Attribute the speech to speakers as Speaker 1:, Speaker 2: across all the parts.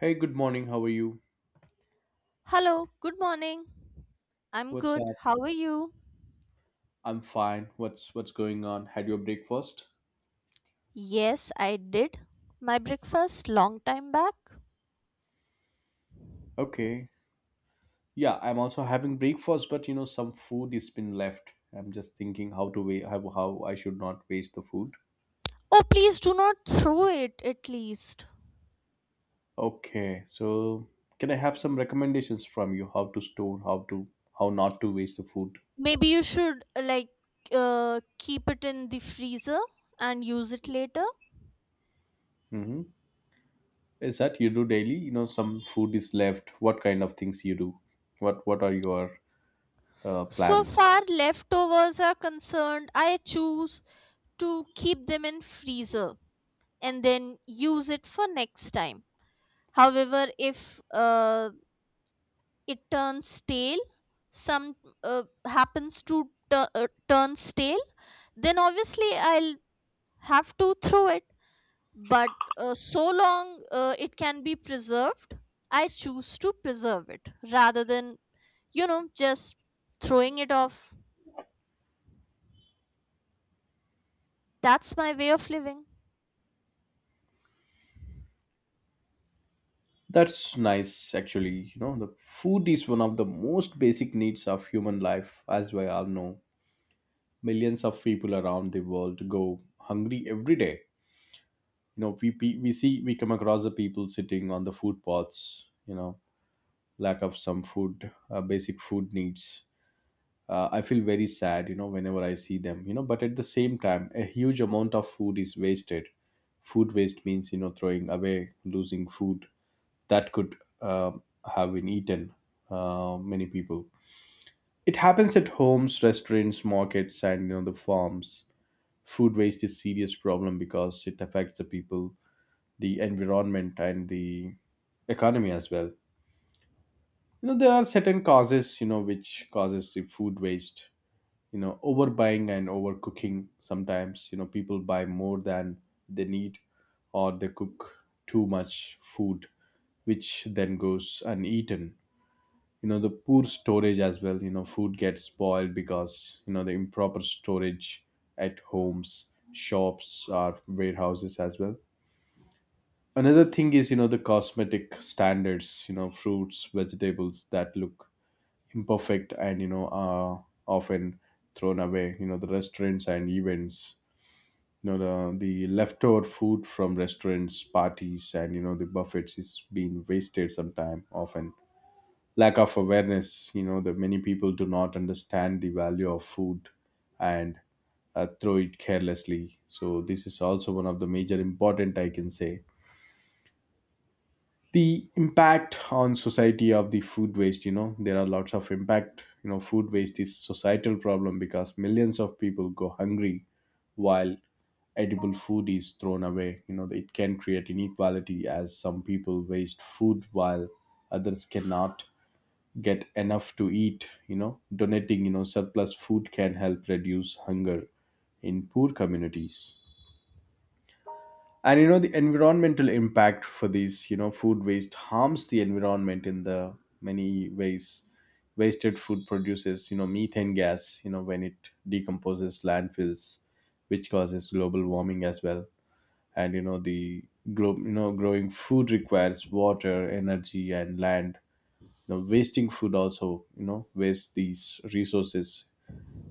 Speaker 1: Hey, good morning. How are you?
Speaker 2: Hello, good morning. I'm
Speaker 1: What's
Speaker 2: good.
Speaker 1: up?
Speaker 2: How are you?
Speaker 1: I'm fine. What's going on? Had your breakfast?
Speaker 2: Yes, I did my breakfast long time back.
Speaker 1: Okay. Yeah, I'm also having breakfast, but you know, some food is been left. I'm just thinking how I should not waste the food.
Speaker 2: Oh, please do not throw it at least.
Speaker 1: Okay. So, can I have some recommendations from you how to store, how to how not to waste the food?
Speaker 2: Maybe you should keep it in the freezer and use it later.
Speaker 1: Mm-hmm. Is that you do daily? You know, some food is left. What kind of things you do? What are your
Speaker 2: So
Speaker 1: plans?
Speaker 2: far leftovers are concerned, I choose to keep them in freezer and then use it for next time. However, if it turns stale some happens to turn stale, then obviously I'll have to throw it, but so long it can be preserved, I choose to preserve it rather than just throwing it off. That's my way of living.
Speaker 1: That's nice, actually. You know, the food is one of the most basic needs of human life, as we all know. Millions of people around the world go hungry every day. You know, we see, we come across the people sitting on the food pots, you know, lack of some food, basic food needs. I feel very sad, you know, whenever I see them, you know, but at the same time, a huge amount of food is wasted. Food waste means, you know, throwing away, losing food that could have been eaten, many people. It happens at homes, restaurants, markets, and you know, the farms. Food waste is serious problem because it affects the people, the environment, and the economy as well. You know, there are certain causes, you know, which causes the food waste. You know, overbuying and overcooking. Sometimes, you know, people buy more than they need, or they cook too much food which then goes uneaten. You know, the poor storage as well. You know, food gets spoiled because, you know, the improper storage at homes, shops, or warehouses as well. Another thing is, you know, the cosmetic standards. You know, fruits, vegetables that look imperfect and, you know, are often thrown away. You know, the restaurants and events, you know, the leftover food from restaurants, parties, and you know, the buffets is being wasted sometime often. Lack of awareness, you know, that many people do not understand the value of food and throw it carelessly. So this is also one of the major important, I can say. The impact on society of the food waste, you know, there are lots of impact. You know, food waste is societal problem because millions of people go hungry while edible food is thrown away. You know, it can create inequality as some people waste food while others cannot get enough to eat. You know, donating, you know, surplus food can help reduce hunger in poor communities. And you know, the environmental impact for these, you know, food waste harms the environment in the many ways. Wasted food produces, you know, methane gas, you know, when it decomposes landfills, which causes global warming as well. And you know, the globe, you know, growing food requires water, energy, and land. You know, wasting food also, you know, waste these resources.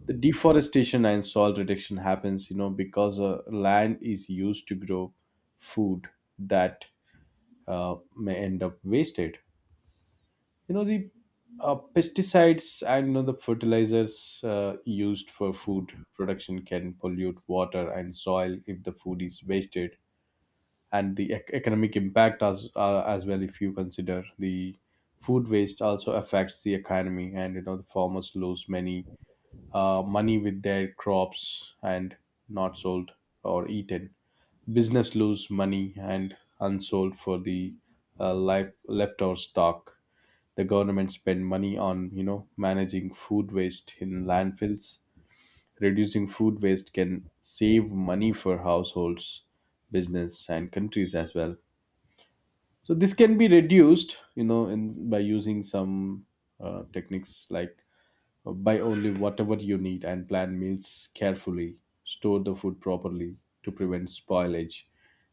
Speaker 1: The deforestation and soil reduction happens, you know, because land is used to grow food that may end up wasted. You know, the pesticides and you know, the fertilizers used for food production can pollute water and soil if the food is wasted. And the economic impact as well, if you consider the food waste also affects the economy. And you know, the farmers lose many money with their crops and not sold or eaten. Business lose money and unsold for the life leftover stock. The government spend money on, you know, managing food waste in landfills. Reducing food waste can save money for households, business, and countries as well. So this can be reduced, you know, in by using some techniques like buy only whatever you need and plan meals carefully, store the food properly to prevent spoilage,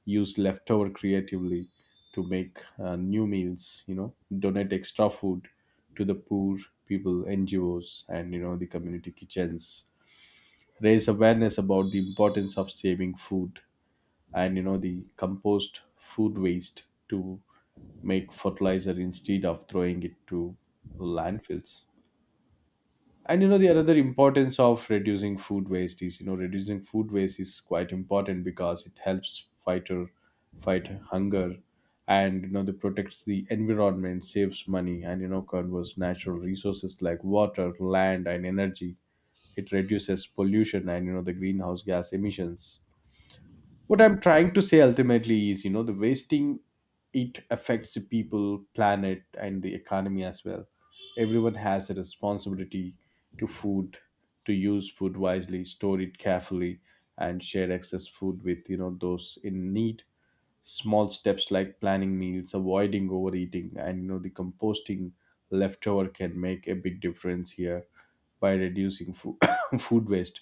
Speaker 1: use leftover creatively to make new meals. You know, donate extra food to the poor people, ngos, and you know, the community kitchens. Raise awareness about the importance of saving food, and you know, the compost food waste to make fertilizer instead of throwing it to landfills. And you know, the another importance of reducing food waste is, you know, reducing food waste is quite important because it helps fight hunger, and you know, they protects the environment, saves money, and you know, conserves natural resources like water, land, and energy. It reduces pollution and you know, the greenhouse gas emissions. What I'm trying to say ultimately is, you know, the wasting, it affects the people, planet, and the economy as well. Everyone has a responsibility to food, to use food wisely, store it carefully, and share excess food with, you know, those in need. Small steps like planning meals, avoiding overeating, and you know, the composting leftover can make a big difference here. By reducing food waste,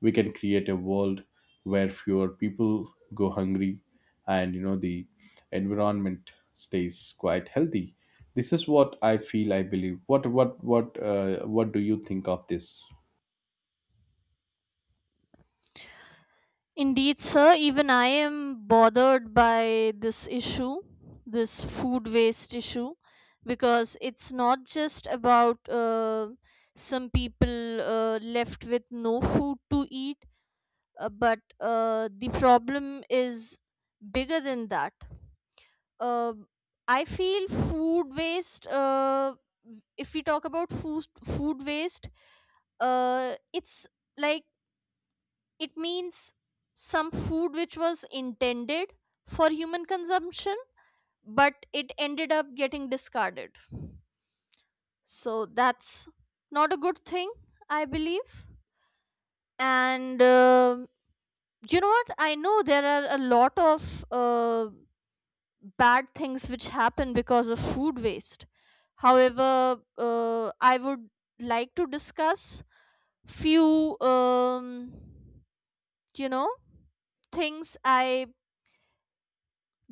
Speaker 1: we can create a world where fewer people go hungry, and you know, the environment stays quite healthy. This is what I feel, I believe. What do you think of this?
Speaker 2: Indeed, sir, even I am bothered by this issue, this food waste issue, because it's not just about some people left with no food to eat, but the problem is bigger than that. Uh, I feel food waste, if we talk about food waste, it's like it means some food which was intended for human consumption, but it ended up getting discarded. So that's not a good thing, I believe. And you know what? I know there are a lot of bad things which happen because of food waste. However, I would like to discuss few you know things I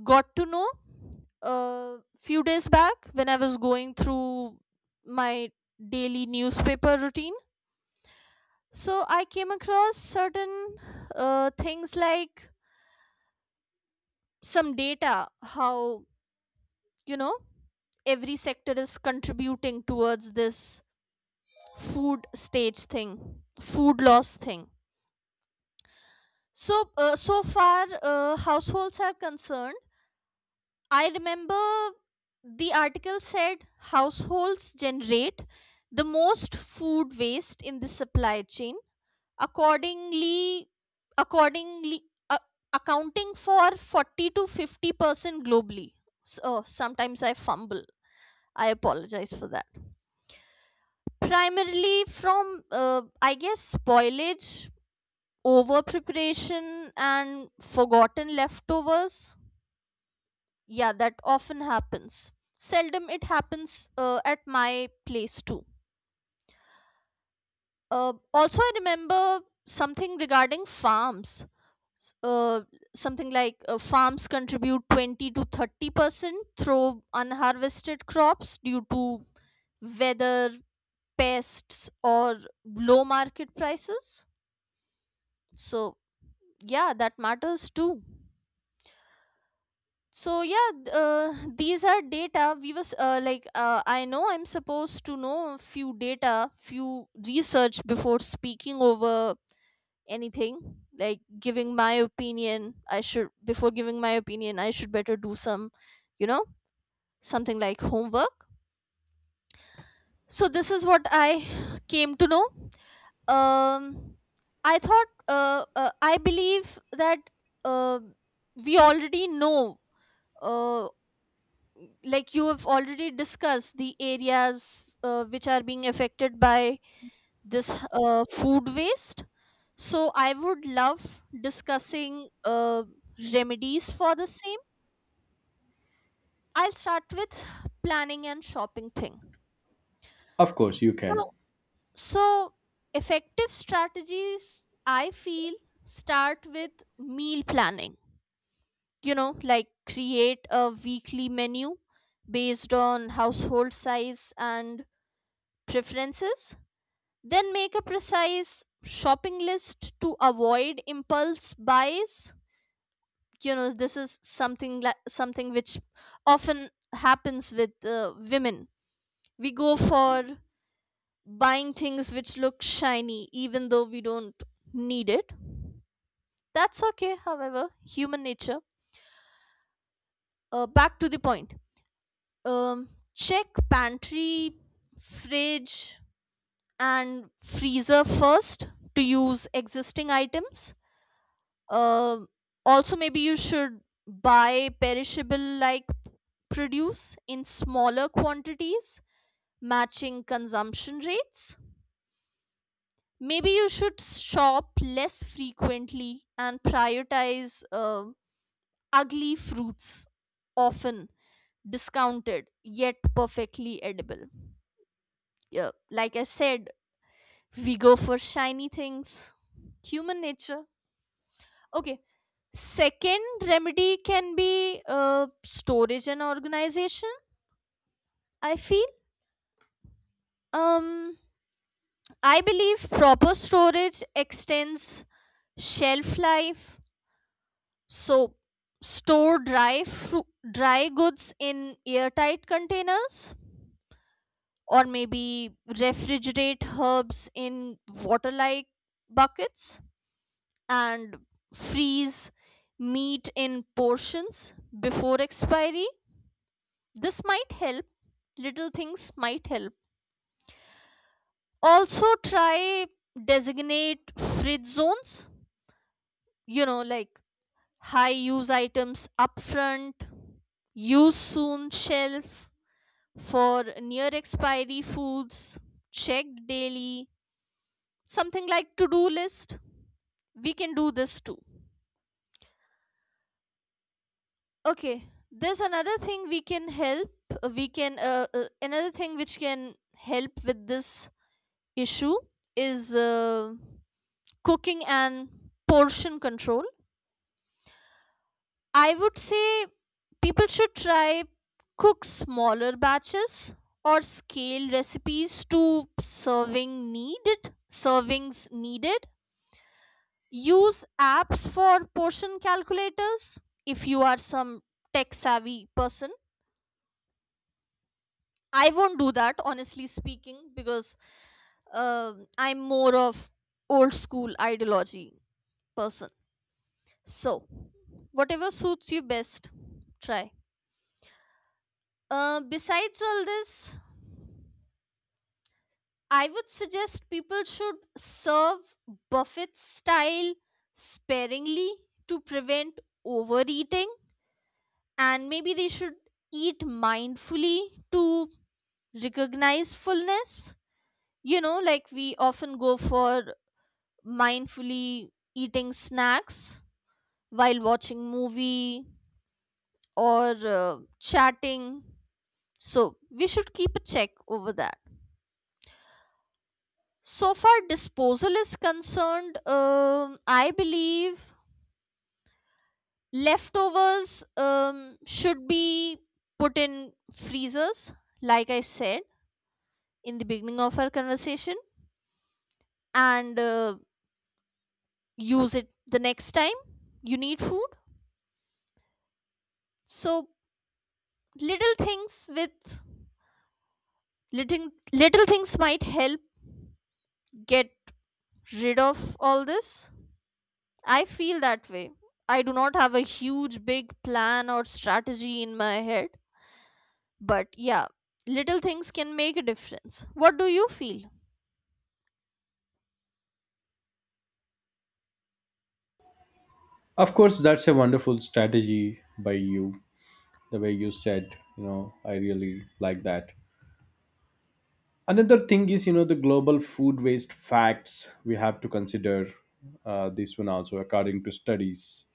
Speaker 2: got to know a few days back when I was going through my daily newspaper routine. So I came across certain things like some data, how, you know, every sector is contributing towards this food stage thing, food loss thing. So, so far, households are concerned. I remember the article said households generate the most food waste in the supply chain, accordingly, accordingly uh, accounting for 40 to 50% globally. So sometimes I fumble. I apologize for that. Primarily from, I guess, spoilage, over preparation, and forgotten leftovers. Yeah, that often happens. Seldom it happens at my place too. Also, I remember something regarding farms. S- something like Farms contribute 20 to 30% through unharvested crops due to weather, pests, or low market prices. So, yeah, that matters too. These are data we was I know I'm supposed to know a few data, few research before speaking over anything, like giving my opinion. I should Before giving my opinion I should better do some, you know, something like homework. So this is what I came to know. um I thought I believe that uh, we already know. Uh. Like you have already discussed the areas which are being affected by this food waste, so I would love discussing remedies for the same. I'll start with planning and shopping thing.
Speaker 1: Of course you
Speaker 2: so
Speaker 1: can.
Speaker 2: so effective strategies, I feel, start with meal planning, you know, like create a weekly menu based on household size and preferences, then make a precise shopping list to avoid impulse buys. You know, this is something like something which often happens with women. We go for buying things which look shiny, even though we don't need it. That's okay, however, human nature. Back to the point. Check pantry, fridge, and freezer first to use existing items. Um Also maybe you should buy perishable like produce in smaller quantities matching consumption rates. Maybe you should shop less frequently and prioritize ugly fruits, often discounted yet perfectly edible. Yeah, like I said, we go for shiny things, human nature. Okay. Second remedy can be storage and organization, I feel. Um, I believe proper storage extends shelf life. So, store dry, dry goods in airtight containers, or maybe refrigerate herbs in water like buckets, and freeze meat in portions before expiry. This might help, little things might help. Also, try designate fridge zones, you know, like high use items upfront, use soon shelf for near expiry foods, checked daily, something like to do list. We can do this too. Okay, there's another thing we can help. Another thing which can help with this issue is. Cooking and portion control, I would say. People should try cook smaller batches or scale recipes to servings needed. Use apps for portion calculators if you are some tech savvy person. I won't do that, honestly speaking, because I'm more of old school ideology person. So, whatever suits you best, try. Besides all this, I would suggest people should serve buffet style sparingly to prevent overeating, and maybe they should eat mindfully to recognize fullness. You know, like we often go for mindfully eating snacks while watching movie or chatting. So we should keep a check over that. So far, disposal is concerned, I believe leftovers should be put in freezers, like I said in the beginning of our conversation, and use it the next time you need food. So little things with little things might help get rid of all this. I feel that way. I do not have a huge big plan or strategy in my head, but yeah, little things can make a difference. What do you feel?
Speaker 1: Of course that's a wonderful strategy by you, the way you said, you know, I really like that. Another thing is, you know, the global food waste facts we have to consider, this one also. According to studies,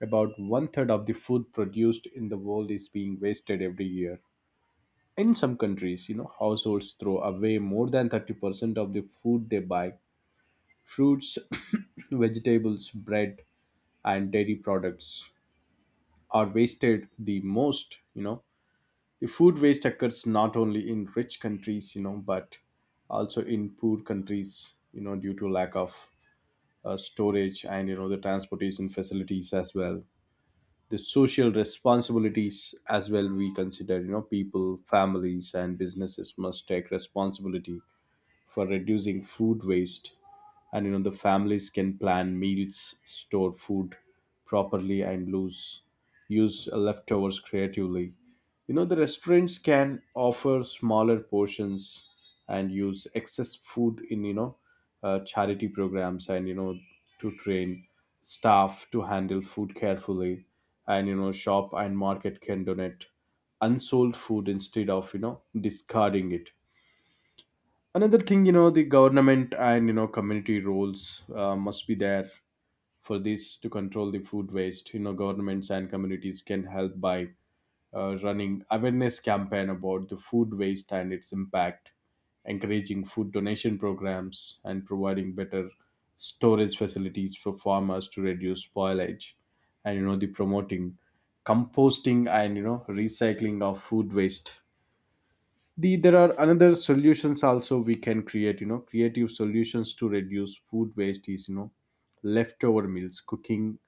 Speaker 1: about one third of the food produced in the world is being wasted every year. In some countries, you know, households throw away more than 30% of the food they buy. Fruits, vegetables, bread, and dairy products are wasted the most, you know. The food waste occurs not only in rich countries, you know, but also in poor countries, you know, due to lack of storage and you know, the transportation facilities as well. The social responsibilities as well we consider, you know, people, families, and businesses must take responsibility for reducing food waste. And you know, the families can plan meals, store food properly, and lose use leftovers creatively. You know, the restaurants can offer smaller portions and use excess food in, you know, charity programs, and you know, to train staff to handle food carefully. And you know, shop and market can donate unsold food instead of, you know, discarding it. Another thing, you know, the government and you know, community roles must be there for this to control the food waste. You know, governments and communities can help by running awareness campaign about the food waste and its impact, encouraging food donation programs, and providing better storage facilities for farmers to reduce spoilage, and you know, the promoting composting and you know, recycling of food waste. The there are another solutions also we can create. You know, creative solutions to reduce food waste is, you know, leftover meals cooking,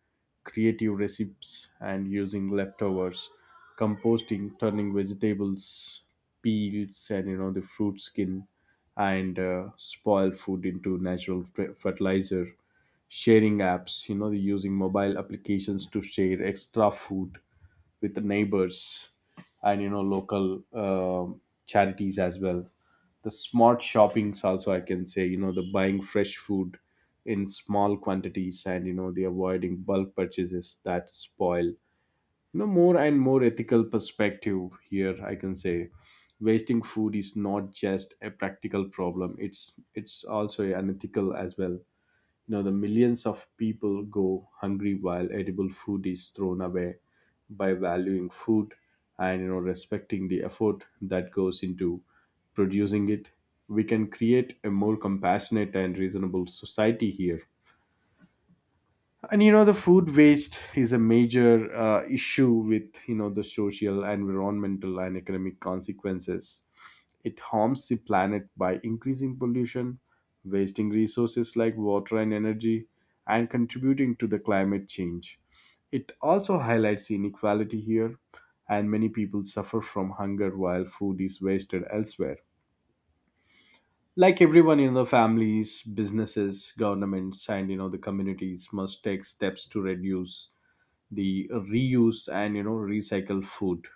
Speaker 1: creative recipes, and using leftovers. Composting, turning vegetables peels and you know, the fruit skin and spoiled food into natural fertilizer. Sharing apps, you know, using mobile applications to share extra food with the neighbors and you know, local charities as well. The smart shoppings also I can say, you know, the buying fresh food in small quantities and you know, the avoiding bulk purchases that spoil, you know, more and more. Ethical perspective here I can say, wasting food is not just a practical problem, it's also an ethical as well. You know, the millions of people go hungry while edible food is thrown away. By valuing food and you know, respecting the effort that goes into producing it, we can create a more compassionate and reasonable society here. And you know, the food waste is a major issue with, you know, the social, environmental, and economic consequences. It harms the planet by increasing pollution, wasting resources like water and energy, and contributing to the climate change. It also highlights the inequality here, and many people suffer from hunger while food is wasted elsewhere. Like everyone in the families, businesses, governments, and you know, the communities must take steps to reduce, the reuse, and you know, recycle food.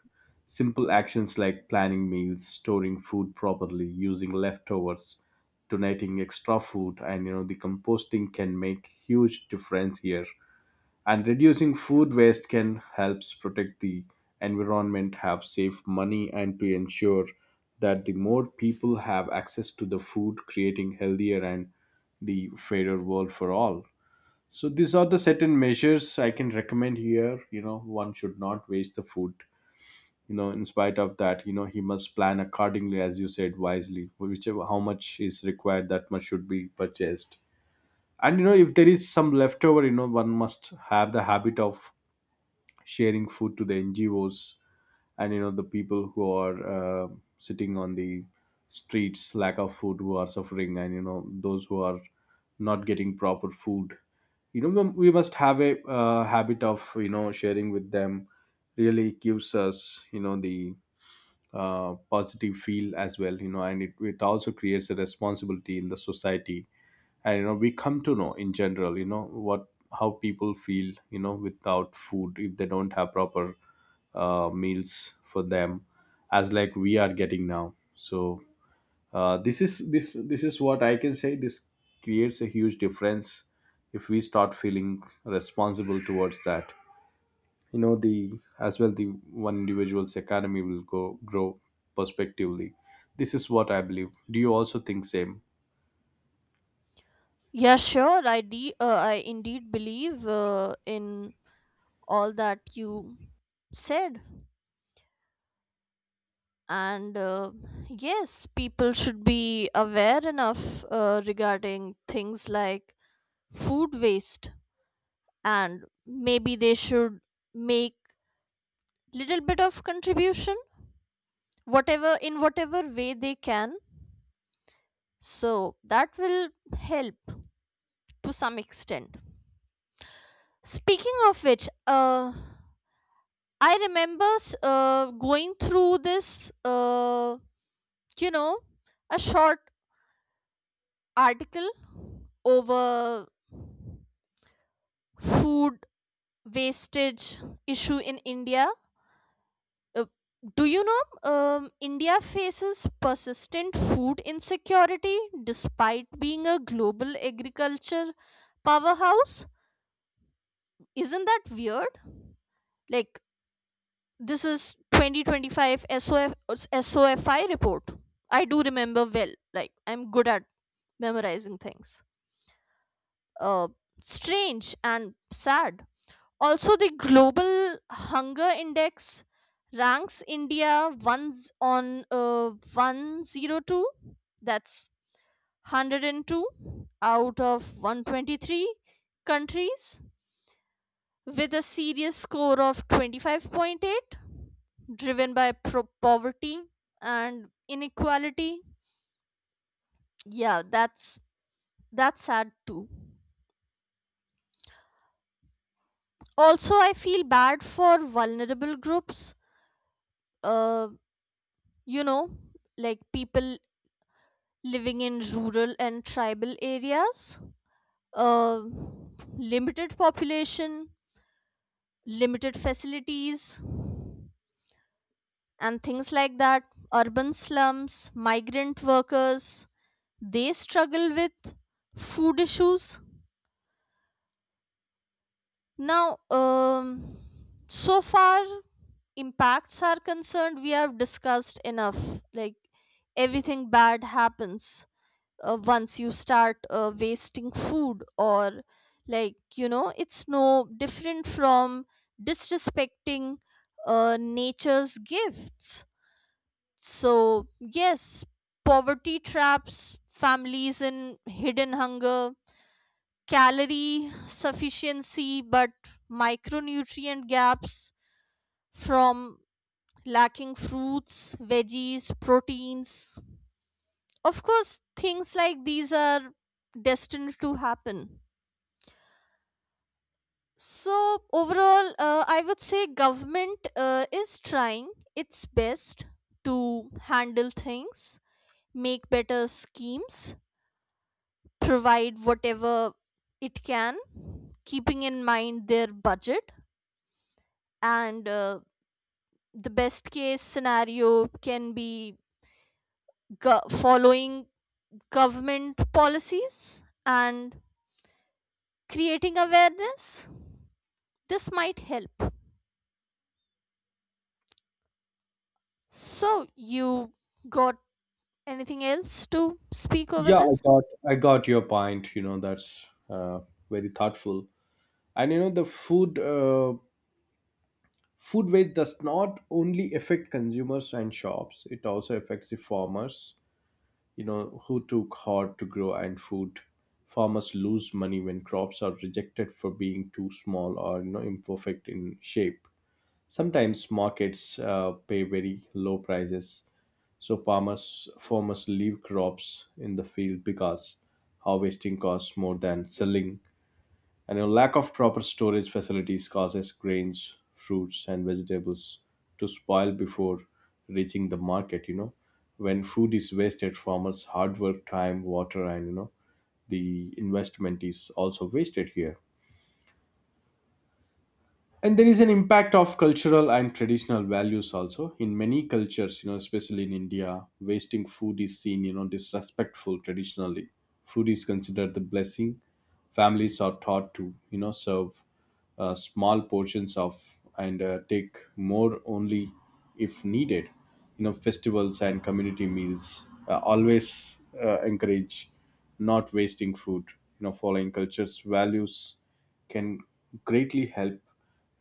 Speaker 1: Simple actions like planning meals, storing food properly, using leftovers, donating extra food, and you know, the composting can make huge difference here. And reducing food waste can helps protect the environment, have save money, and to ensure that the more people have access to the food, creating healthier and the fairer world for all. So these are the certain measures I can recommend here. You know, one should not waste the food. You know, in spite of that, you know, he must plan accordingly, as you said, wisely. Whichever how much is required, that much should be purchased. And if there is some leftover, one must have the habit of sharing food to the NGOs, and the people who are uh, sitting on the streets, lack of food, who are suffering, and those who are not getting proper food, mum, we must have a habit of sharing with them. Really gives us the positive feel as well, and it also creates a responsibility in the society. And we come to know in general what, how people feel without food, if they don't have proper meals for them, as like we are getting now. So this is what I can say. This creates a huge difference if we start feeling responsible towards that. The, as well, the one individual's economy will go grow prospectively. This is what I believe. Do you also think same?
Speaker 2: Yeah, sure. I indeed believe in all that you said, and yes, people should be aware enough regarding things like food waste, and maybe they should make little bit of contribution, whatever, in whatever way they can, so that will help to some extent. Speaking of which, I remember going through this you know a short article over food wastage issue in India. Uh, do you know, um, India faces persistent food insecurity despite being a global agriculture powerhouse? Isn't that weird? Like, this is 2025 SOFI report. I do remember well, like I'm good at memorizing things. uh Strange and sad. Also, the global hunger index ranks India once on 102. That's 102 out of 123 countries with a serious score of 25.8, driven by poverty and inequality. Yeah, that's sad too. Also, I feel bad for vulnerable groups. Uh, you know, like people living in rural and tribal areas. Uh, Limited population, limited facilities, and things like that. Urban slums, migrant workers, they struggle with food issues. Now, so far, impacts are concerned, we have discussed enough. Like, everything bad happens once you start wasting food, or like, you know, it's no different from disrespecting nature's gifts. So, yes, poverty traps families in hidden hunger, calorie sufficiency but micronutrient gaps from lacking fruits, veggies, proteins. Of course, things like these are destined to happen. So, overall, I would say government is trying its best to handle things, make better schemes, provide whatever it can, keeping in mind their budget, and the best case scenario can be following government policies and creating awareness. This might help. So you got anything else to speak over
Speaker 1: Yeah,
Speaker 2: this?
Speaker 1: I got your point. That's very thoughtful. And, the food food waste does not only affect consumers and shops; it also affects the farmers, who took hard to grow and food. Farmers lose money when crops are rejected for being too small or imperfect in shape. Sometimes markets pay very low prices, so farmers leave crops in the field because harvesting costs more than selling. And a lack of proper storage facilities causes grains, fruits and vegetables to spoil before reaching the market. When food is wasted, farmers' hard work, time, water, and the investment is also wasted here. And there is an impact of cultural and traditional values also. In many cultures, especially in India, wasting food is seen, disrespectful. Traditionally, food is considered the blessing. Families are taught to serve small portions of, and take more only if needed. Festivals and community meals always encourage not wasting food. Following cultures values can greatly help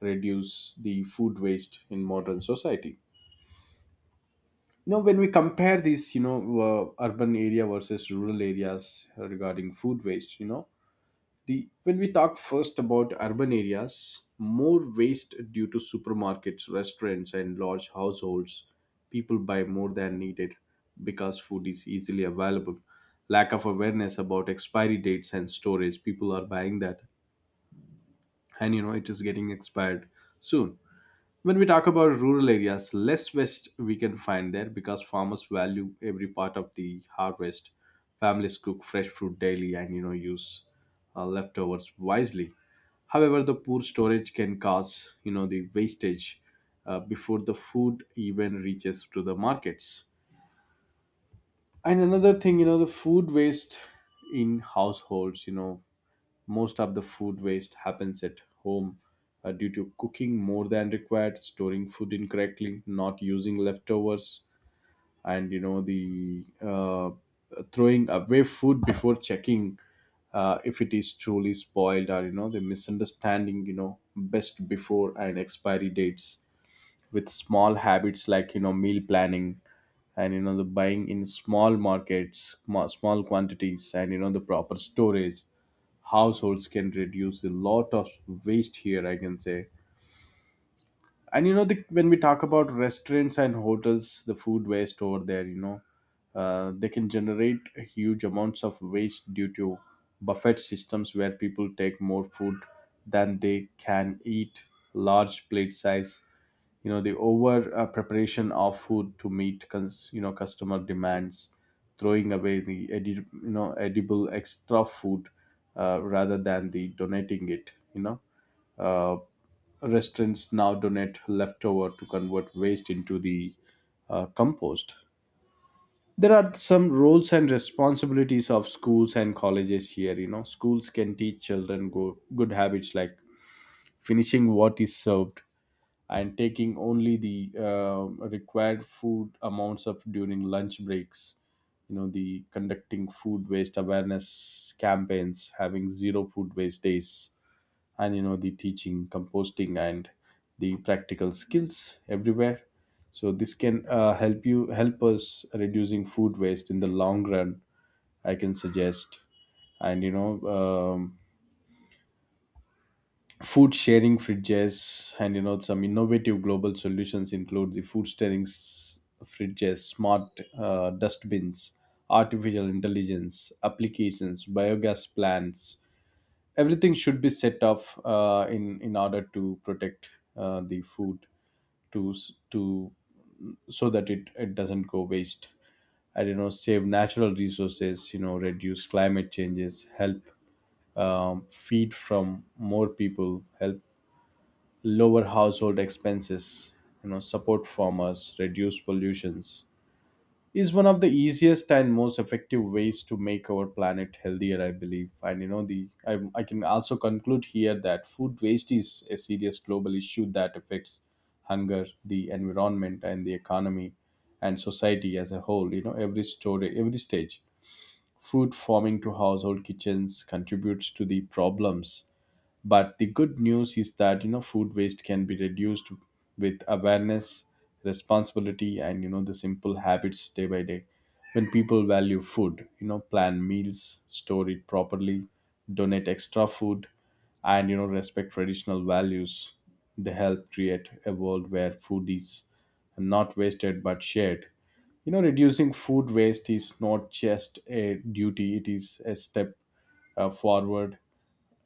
Speaker 1: reduce the food waste in modern society. When we compare these, urban area versus rural areas regarding food waste, the, when we talk first about urban areas, more waste due to supermarkets, restaurants and large households. People buy more than needed because food is easily available. Lack of awareness about expiry dates and storage, people are buying that, and it is getting expired soon. When we talk about rural areas, less waste we can find there because farmers value every part of the harvest. Families cook fresh fruit daily and use leftovers wisely. However, the poor storage can cause the wastage before the food even reaches to the markets. And another thing, the food waste in households, most of the food waste happens at home due to cooking more than required, storing food incorrectly, not using leftovers, and the throwing away food before checking if it is truly spoiled, or the misunderstanding, best before and expiry dates. With small habits like meal planning, and the buying in small markets, small quantities, and the proper storage, households can reduce a lot of waste here, I can say. And when we talk about restaurants and hotels, the food waste over there, they can generate huge amounts of waste due to buffet systems where people take more food than they can eat, large plate size, the over preparation of food to meet customer demands, throwing away the edible extra food rather than the donating it. Uh, Restaurants now donate leftover to convert waste into the compost. There are some roles and responsibilities of schools and colleges here. Schools can teach children good habits like finishing what is served and taking only the required food amounts of during lunch breaks, the conducting food waste awareness campaigns, having zero food waste days, and the teaching composting and the practical skills everywhere. So this can help us reducing food waste in the long run, I can suggest. And um, food sharing fridges, and some innovative global solutions include the food sharing fridges, smart dustbins, artificial intelligence applications, biogas plants. Everything should be set up in order to protect the food to s- to so that it doesn't go waste. I don't know, save natural resources, reduce climate changes, help feed from more people, help lower household expenses, support farmers, reduce pollutions, is one of the easiest and most effective ways to make our planet healthier, I believe. And, the I can also conclude here that food waste is a serious global issue that affects hunger, the environment, and the economy and society as a whole. Every story, every stage, food farming to household kitchens contributes to the problems. But the good news is that food waste can be reduced with awareness, responsibility, and the simple habits day by day. When people value food, plan meals, store it properly, donate extra food, and respect traditional values, they help create a world where food is not wasted but shared. Reducing food waste is not just a duty, it is a step forward,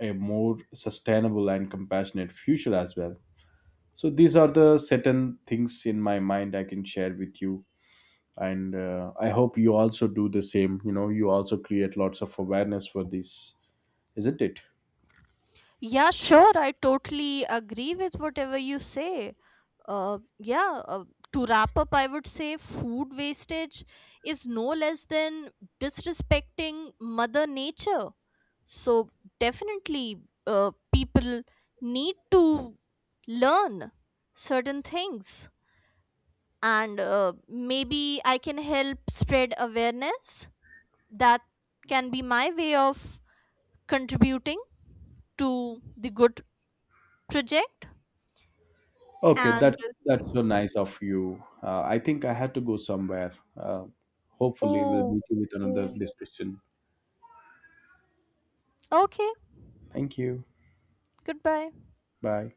Speaker 1: a more sustainable and compassionate future as well. So these are the certain things in my mind I can share with you. And I hope you also do the same. You also create lots of awareness for this, isn't it?
Speaker 2: Yeah, sure, I totally agree with whatever you say. Uh, yeah, uh, to wrap up, I would say food wastage is no less than disrespecting Mother Nature. So, definitely, people need to learn certain things. And maybe I can help spread awareness. That can be my way of contributing to the good project.
Speaker 1: Okay,
Speaker 2: And
Speaker 1: that's so nice of you. I think I had to go somewhere. Hopefully we'll
Speaker 2: oh,
Speaker 1: meet you with another
Speaker 2: okay.
Speaker 1: discussion.
Speaker 2: Okay.
Speaker 1: Thank you.
Speaker 2: Goodbye.
Speaker 1: Bye.